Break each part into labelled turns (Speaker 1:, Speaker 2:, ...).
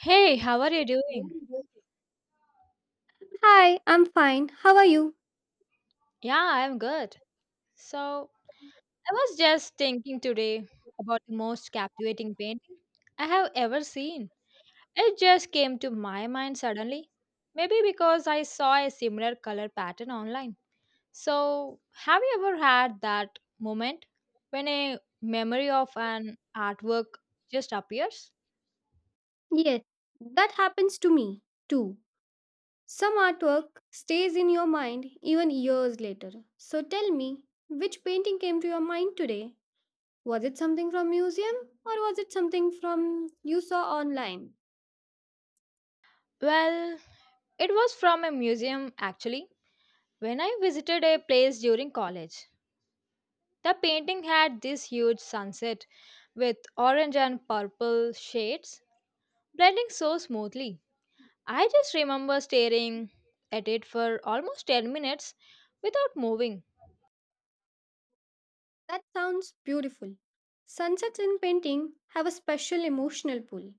Speaker 1: Hey, how are you doing?
Speaker 2: Hi, I'm fine. How are you?
Speaker 1: Yeah, I'm good. So, I was just thinking today about the most captivating painting I have ever seen. It just came to my mind suddenly. Maybe because I saw a similar color pattern online. So, have you ever had that moment when a memory of an artwork just appears?
Speaker 2: Yes, that happens to me too. Some artwork stays in your mind even years later. So tell me, which painting came to your mind today? Was it something from museum or was it something from you saw online?
Speaker 1: Well, it was from a museum actually. When I visited a place during college, the painting had this huge sunset with orange and purple shades blending so smoothly. I just remember staring at it for almost 10 minutes without moving.
Speaker 2: That sounds beautiful. Sunsets in painting have a special emotional pull.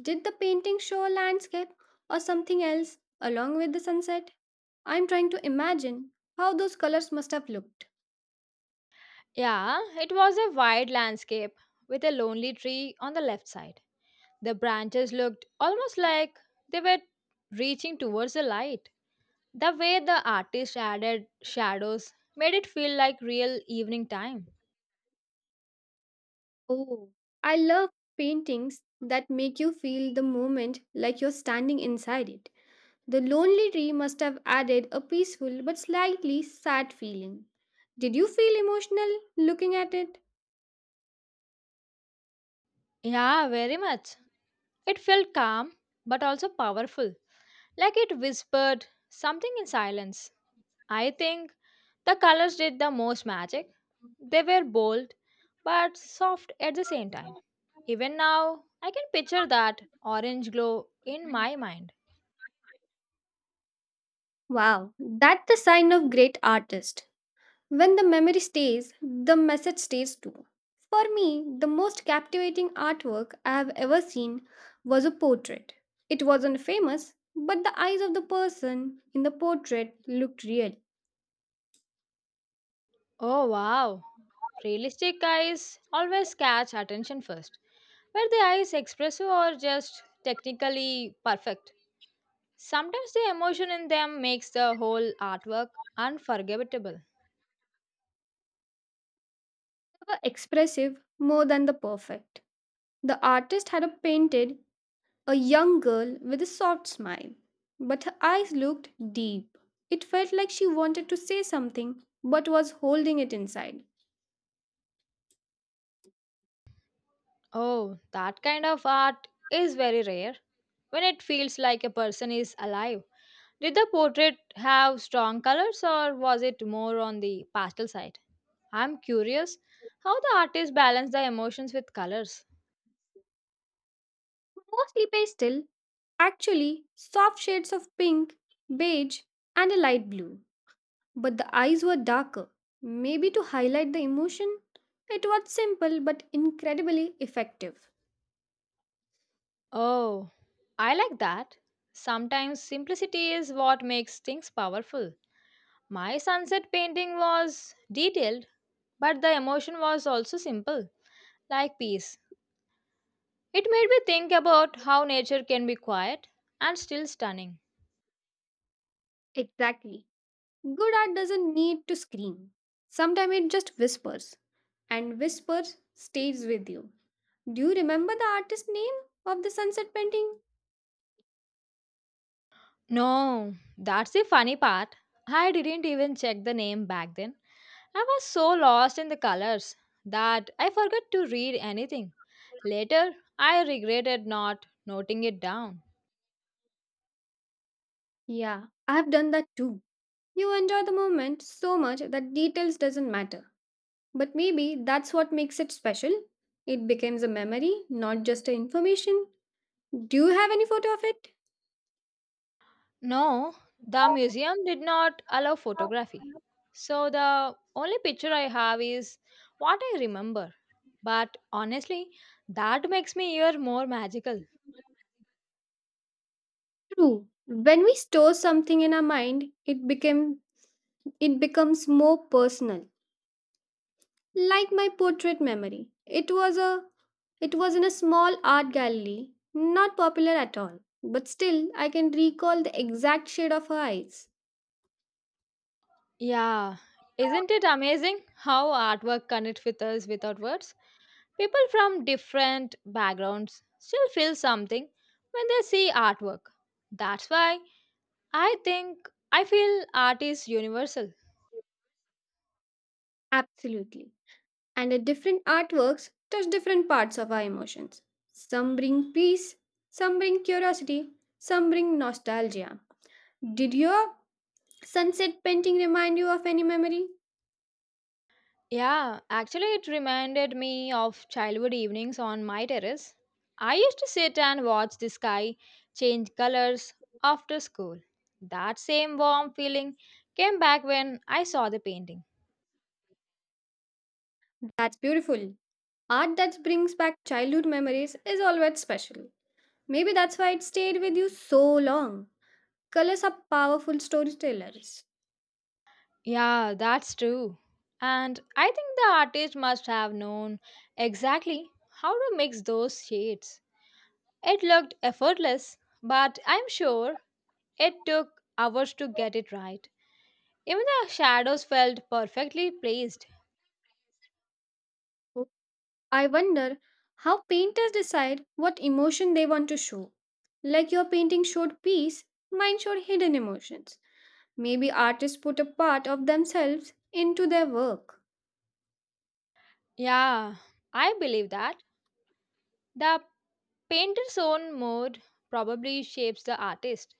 Speaker 2: Did the painting show a landscape or something else along with the sunset? I'm trying to imagine how those colors must have looked.
Speaker 1: Yeah, it was a wide landscape with a lonely tree on the left side. The branches looked almost like they were reaching towards the light. The way the artist added shadows made it feel like real evening time.
Speaker 2: Oh, I love paintings that make you feel the moment like you're standing inside it. The lonely tree must have added a peaceful but slightly sad feeling. Did you feel emotional looking at it?
Speaker 1: Yeah, very much. It felt calm but also powerful, like it whispered something in silence. I think the colors did the most magic. They were bold but soft at the same time. Even now, I can picture that orange glow in my mind.
Speaker 2: Wow, that's the sign of great artist. When the memory stays, the message stays too. For me, the most captivating artwork I have ever seen was a portrait. It wasn't famous, but the eyes of the person in the portrait looked real.
Speaker 1: Oh wow! Realistic eyes always catch attention first. Were the eyes expressive or just technically perfect? Sometimes the emotion in them makes the whole artwork unforgettable.
Speaker 2: They were expressive more than the perfect. The artist had a painted a young girl with a soft smile. But her eyes looked deep. It felt like she wanted to say something but was holding it inside.
Speaker 1: Oh, that kind of art is very rare. When it feels like a person is alive. Did the portrait have strong colors or was it more on the pastel side? I'm curious how the artist balanced the emotions with colors.
Speaker 2: Mostly pastel, actually, soft shades of pink, beige, and a light blue. But the eyes were darker, maybe to highlight the emotion. It was simple but incredibly effective.
Speaker 1: Oh, I like that. Sometimes simplicity is what makes things powerful. My sunset painting was detailed, but the emotion was also simple, like peace. It made me think about how nature can be quiet and still stunning.
Speaker 2: Exactly. Good art doesn't need to scream. Sometimes it just whispers, and whispers stays with you. Do you remember the artist name of the sunset painting?
Speaker 1: No, that's the funny part. I didn't even check the name back then. I was so lost in the colors that I forgot to read anything. Later, I regretted not noting it down.
Speaker 2: Yeah, I've done that too. You enjoy the moment so much that details doesn't matter. But maybe that's what makes it special. It becomes a memory, not just a information. Do you have any photo of it?
Speaker 1: No, the museum did not allow photography. So the only picture I have is what I remember. But honestly, that makes me even more magical.
Speaker 2: True. When we store something in our mind, it becomes more personal. Like my portrait memory. It was in a small art gallery, not popular at all, but still I can recall the exact shade of her eyes.
Speaker 1: Yeah, isn't it amazing how artwork connects with us without words? People from different backgrounds still feel something when they see artwork. That's why I think I feel art is universal.
Speaker 2: Absolutely. And the different artworks touch different parts of our emotions. Some bring peace, some bring curiosity, some bring nostalgia. Did your sunset painting remind you of any memory?
Speaker 1: Yeah, actually, it reminded me of childhood evenings on my terrace. I used to sit and watch the sky change colors after school. That same warm feeling came back when I saw the painting.
Speaker 2: That's beautiful. Art that brings back childhood memories is always special. Maybe that's why it stayed with you so long. Colors are powerful storytellers.
Speaker 1: Yeah, that's true. And I think the artist must have known exactly how to mix those shades. It looked effortless, but I'm sure it took hours to
Speaker 2: So,
Speaker 1: get it right. Even the shadows felt perfectly placed.
Speaker 2: I wonder how painters decide what emotion they want to show. Like your painting showed peace, mine showed hidden emotions. Maybe artists put a part of themselves into their work.
Speaker 1: Yeah, I believe that. The painter's own mood probably shapes the artist.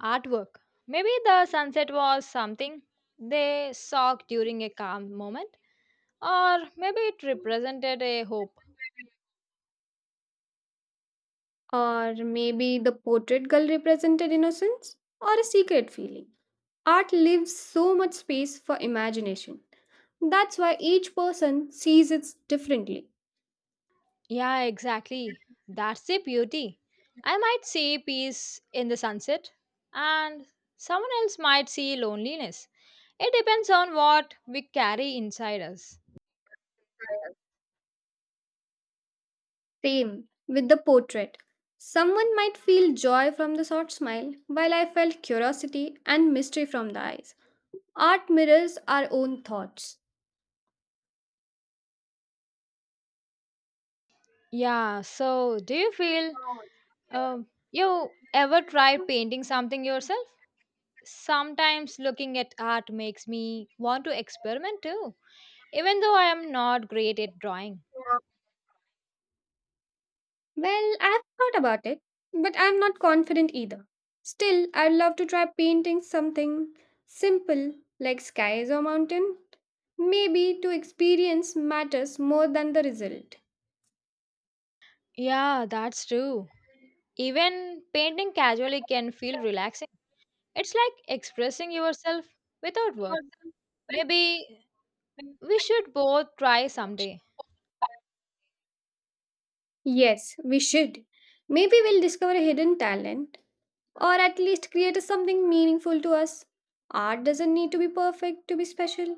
Speaker 1: Artwork. Maybe the sunset was something they saw during a calm moment. Or maybe it represented a hope.
Speaker 2: Or maybe the portrait girl represented innocence or a secret feeling. Art leaves so much space for imagination. That's why each person sees it differently.
Speaker 1: Yeah, exactly. That's the beauty. I might see peace in the sunset, and someone else might see loneliness. It depends on what we carry inside us.
Speaker 2: Same with the portrait. Someone might feel joy from the short smile, while I felt curiosity and mystery from the eyes. Art mirrors our own thoughts.
Speaker 1: Yeah, so do you feel you ever tried painting something yourself? Sometimes looking at art makes me want to experiment too, even though I am not great at drawing.
Speaker 2: Well, I have thought about it, but I'm not confident either. Still, I'd love to try painting something simple like skies or mountain. Maybe to experience matters more than the result.
Speaker 1: Yeah, that's true. Even painting casually can feel relaxing. It's like expressing yourself without words. Maybe we should both try someday.
Speaker 2: Yes, we should. Maybe we'll discover a hidden talent or at least create something meaningful to us. Art doesn't need to be perfect to be special.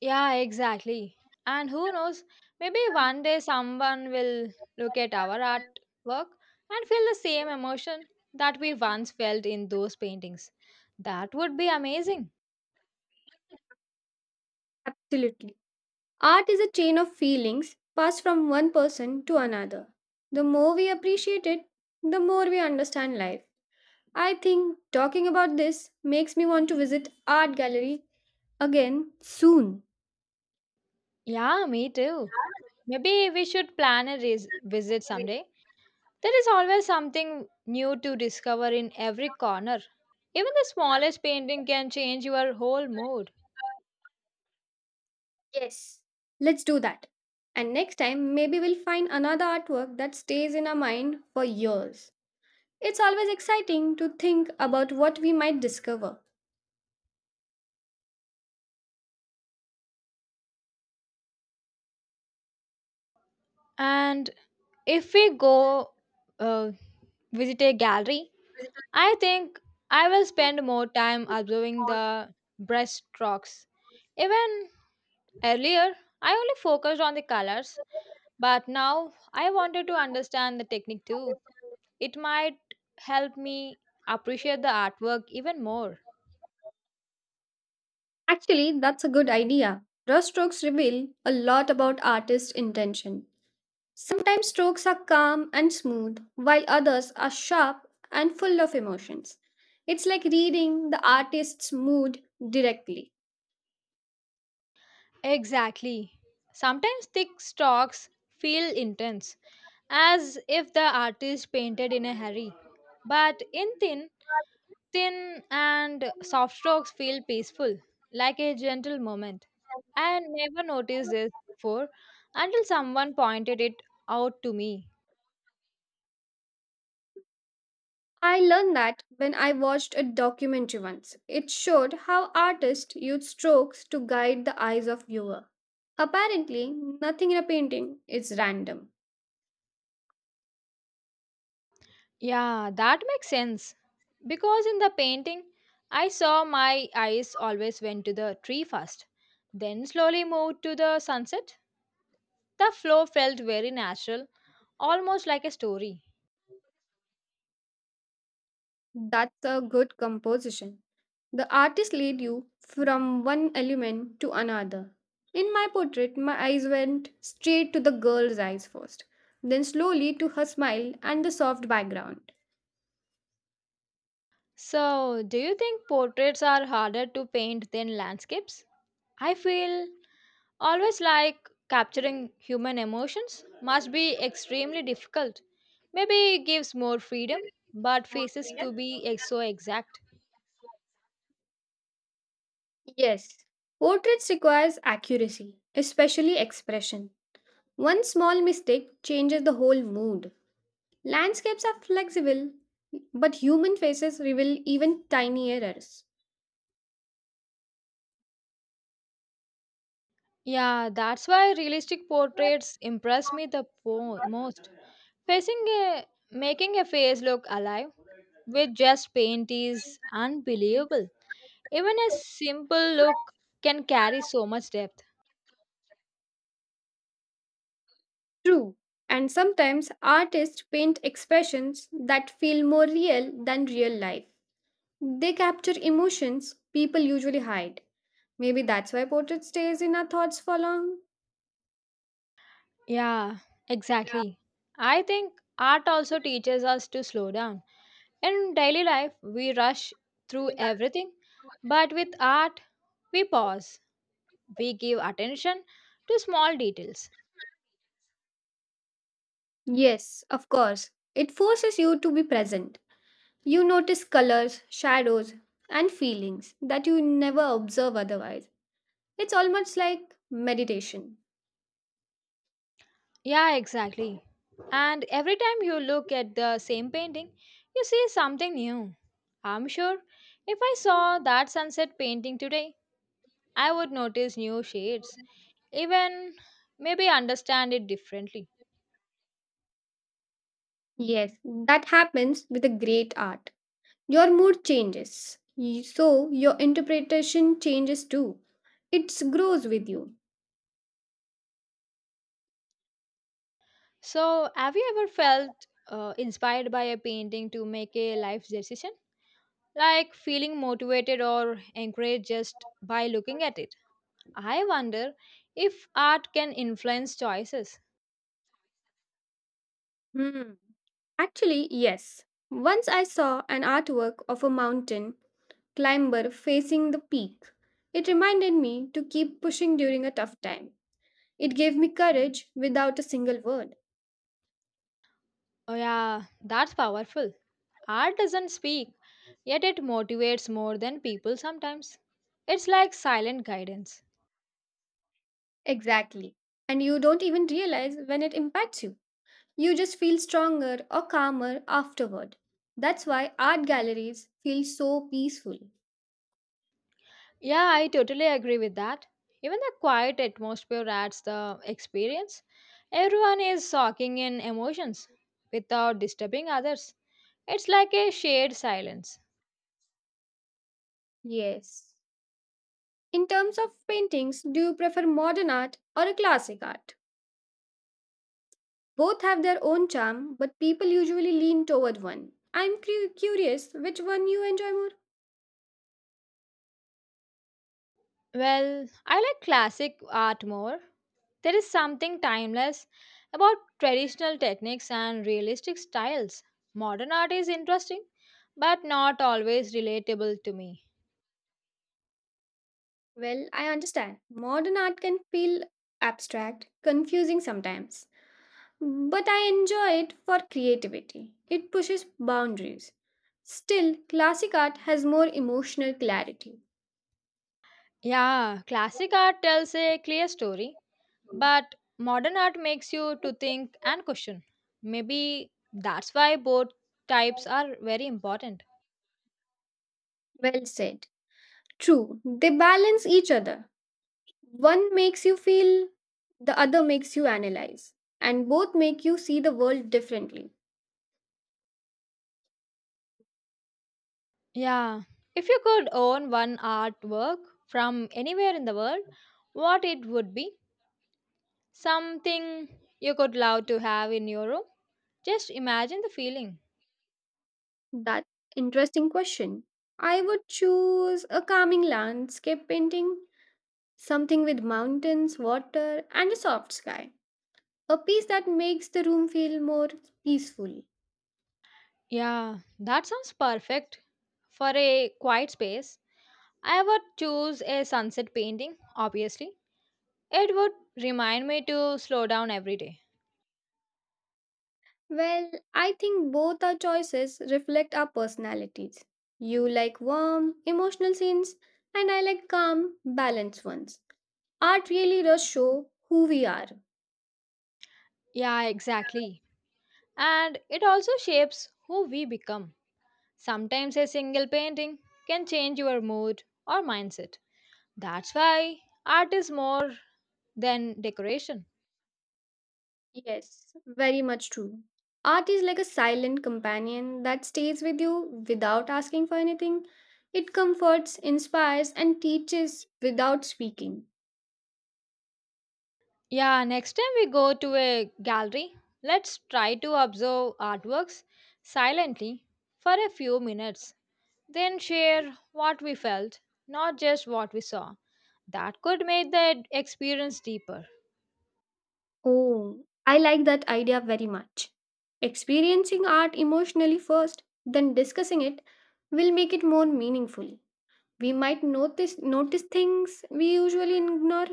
Speaker 1: Yeah, exactly. And who knows, maybe one day someone will look at our artwork and feel the same emotion that we once felt in those paintings. That would be amazing.
Speaker 2: Absolutely. Art is a chain of feelings passed from one person to another. The more we appreciate it, the more we understand life. I think talking about this makes me want to visit art gallery again soon.
Speaker 1: Yeah, me too. Maybe we should plan a visit someday. There is always something new to discover in every corner. Even the smallest painting can change your whole mood.
Speaker 2: Yes. Let's do that. And next time, maybe we'll find another artwork that stays in our mind for years. It's always exciting to think about what we might discover.
Speaker 1: And if we go uh, visit a gallery, I think I will spend more time observing the brushstrokes. Even earlier, I only focused on the colors, but now I wanted to understand the technique too. It might help me appreciate the artwork even more.
Speaker 2: Actually, that's a good idea. Raw strokes reveal a lot about artist intention. Sometimes strokes are calm and smooth, while others are sharp and full of emotions. It's like reading the artist's mood directly.
Speaker 1: Exactly. Sometimes thick stalks feel intense, as if the artist painted in a hurry. But in thin and soft strokes feel peaceful, like a gentle moment. I had never noticed this before until someone pointed it out to me.
Speaker 2: I learned that when I watched a documentary once. It showed how artists use strokes to guide the eyes of viewer. Apparently, nothing in a painting is random.
Speaker 1: Yeah, that makes sense. Because in the painting, I saw my eyes always went to the tree first, then slowly moved to the sunset. The flow felt very natural, almost like a story.
Speaker 2: That's a good composition. The artist led you from one element to another. In my portrait, my eyes went straight to the girl's eyes first, then slowly to her smile and the soft background.
Speaker 1: So, do you think portraits are harder to paint than landscapes? I feel always like capturing human emotions must be extremely difficult. Maybe it gives more freedom, but faces to so exact.
Speaker 2: Yes, portraits requires accuracy, especially expression. One small mistake changes the whole mood. Landscapes are flexible, but human faces reveal even tiny errors.
Speaker 1: Yeah, that's why realistic portraits impress me the most. Facing a Making a face look alive with just paint is unbelievable. Even a simple look can carry so much depth.
Speaker 2: True. And sometimes artists paint expressions that feel more real than real life. They capture emotions people usually hide. Maybe that's why portrait stays in our thoughts for long.
Speaker 1: Yeah, exactly. I think art also teaches us to slow down. In daily life, we rush through everything, but with art, we pause. We give attention to small details.
Speaker 2: Yes, of course. It forces you to be present. You notice colors, shadows, and feelings that you never observe otherwise. It's almost like meditation.
Speaker 1: Yeah, exactly. And every time you look at the same painting, you see something new. I'm sure if I saw that sunset painting today, I would notice new shades even maybe understand it differently.
Speaker 2: Yes, that happens with a great art. Your mood changes, so your interpretation changes too. It grows with you.
Speaker 1: So, have you ever felt inspired by a painting to make a life decision? Like feeling motivated or encouraged just by looking at it? I wonder if art can influence choices.
Speaker 2: Hmm. Actually, yes. Once I saw an artwork of a mountain climber facing the peak. It reminded me to keep pushing during a tough time. It gave me courage without a single word.
Speaker 1: Oh, yeah, that's powerful. Art doesn't speak, yet it motivates more than people sometimes. It's like silent guidance.
Speaker 2: Exactly. And you don't even realize when it impacts you. You just feel stronger or calmer afterward. That's why art galleries feel so peaceful.
Speaker 1: Yeah, I totally agree with that. Even the quiet atmosphere adds the experience. Everyone is soaking in emotions without disturbing others. It's like a shared silence.
Speaker 2: Yes. In terms of paintings, do you prefer modern art or a classic art? Both have their own charm, but people usually lean toward one. I'm curious which one you enjoy more.
Speaker 1: Well, I like classic art more. There is something timeless about traditional techniques and realistic styles. Modern art is interesting, but not always relatable to me.
Speaker 2: Well, I understand. Modern art can feel abstract, confusing sometimes, but I enjoy it for creativity. It pushes boundaries. Still, classic art has more emotional clarity.
Speaker 1: Yeah, classic art tells a clear story, but modern art makes you to think and question. Maybe that's why both types are very important.
Speaker 2: Well said. True, they balance each other. One makes you feel, the other makes you analyze, and both make you see the world differently.
Speaker 1: Yeah, if you could own one artwork from anywhere in the world, what it would be? Something you could love to have in your room? Just imagine the feeling.
Speaker 2: That's interesting question. I would choose a calming landscape painting, something with mountains, water, and a soft sky. A piece that makes the room feel more peaceful.
Speaker 1: Yeah, that sounds perfect for a quiet space. I would choose a sunset painting, obviously. It would remind me to slow down every day.
Speaker 2: Well, I think both our choices reflect our personalities. You like warm, emotional scenes, and I like calm, balanced ones. Art really does show who we are.
Speaker 1: Yeah, exactly. And it also shapes who we become. Sometimes a single painting can change your mood or mindset. That's why art is more than decoration.
Speaker 2: Yes, very much true. Art is like a silent companion that stays with you without asking for anything. It comforts, inspires, and teaches without speaking.
Speaker 1: Yeah, next time we go to a gallery, let's try to observe artworks silently for a few minutes, then share what we felt, not just what we saw. That could make the experience deeper.
Speaker 2: Oh, I like that idea very much. Experiencing art emotionally first, then discussing it will make it more meaningful. We might notice things we usually ignore.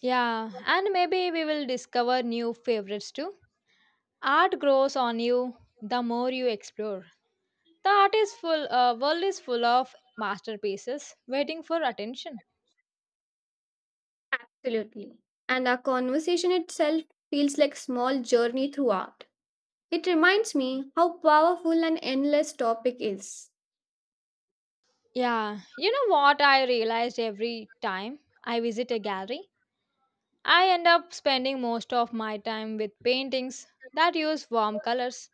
Speaker 1: Yeah, and maybe we will discover new favorites too. Art grows on you the more you explore. The world is full of masterpieces waiting for attention.
Speaker 2: Absolutely. And our conversation itself feels like small journey through art. It reminds me how powerful and endless topic is.
Speaker 1: Yeah, you know what I realized every time I visit a gallery? I end up spending most of my time with paintings that use warm colors.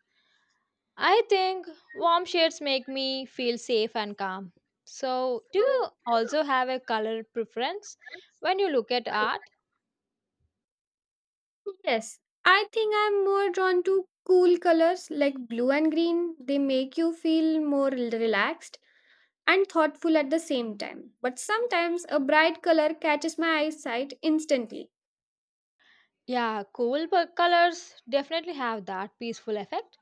Speaker 1: I think warm shades make me feel safe and calm. So, do you also have a color preference when you look at art?
Speaker 2: Yes, I think I'm more drawn to cool colors like blue and green. They make you feel more relaxed and thoughtful at the same time. But sometimes a bright color catches my eyesight instantly.
Speaker 1: Yeah, colors definitely have that peaceful effect.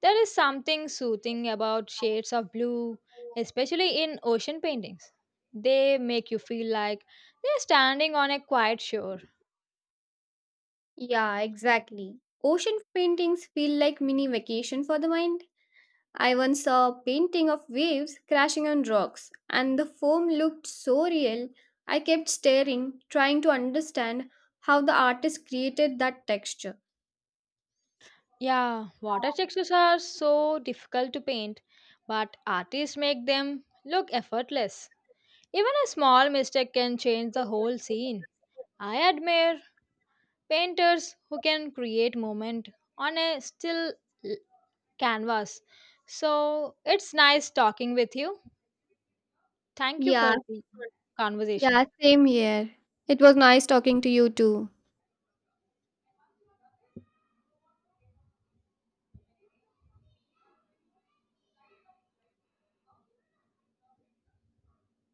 Speaker 1: There is something soothing about shades of blue, especially in ocean paintings. They make you feel like you're standing on a quiet shore.
Speaker 2: Yeah, exactly. Ocean paintings feel like mini vacation for the mind. I once saw a painting of waves crashing on rocks, and the foam looked so real. I kept staring, trying to understand how the artist created that texture.
Speaker 1: Yeah, water textures are so difficult to paint, but artists make them look effortless. Even a small mistake can change the whole scene. I admire painters who can create moment on a still canvas. So it's nice talking with you. Thank you
Speaker 2: Yeah,
Speaker 1: for the conversation.
Speaker 2: yeah, same here. It was nice talking to you too.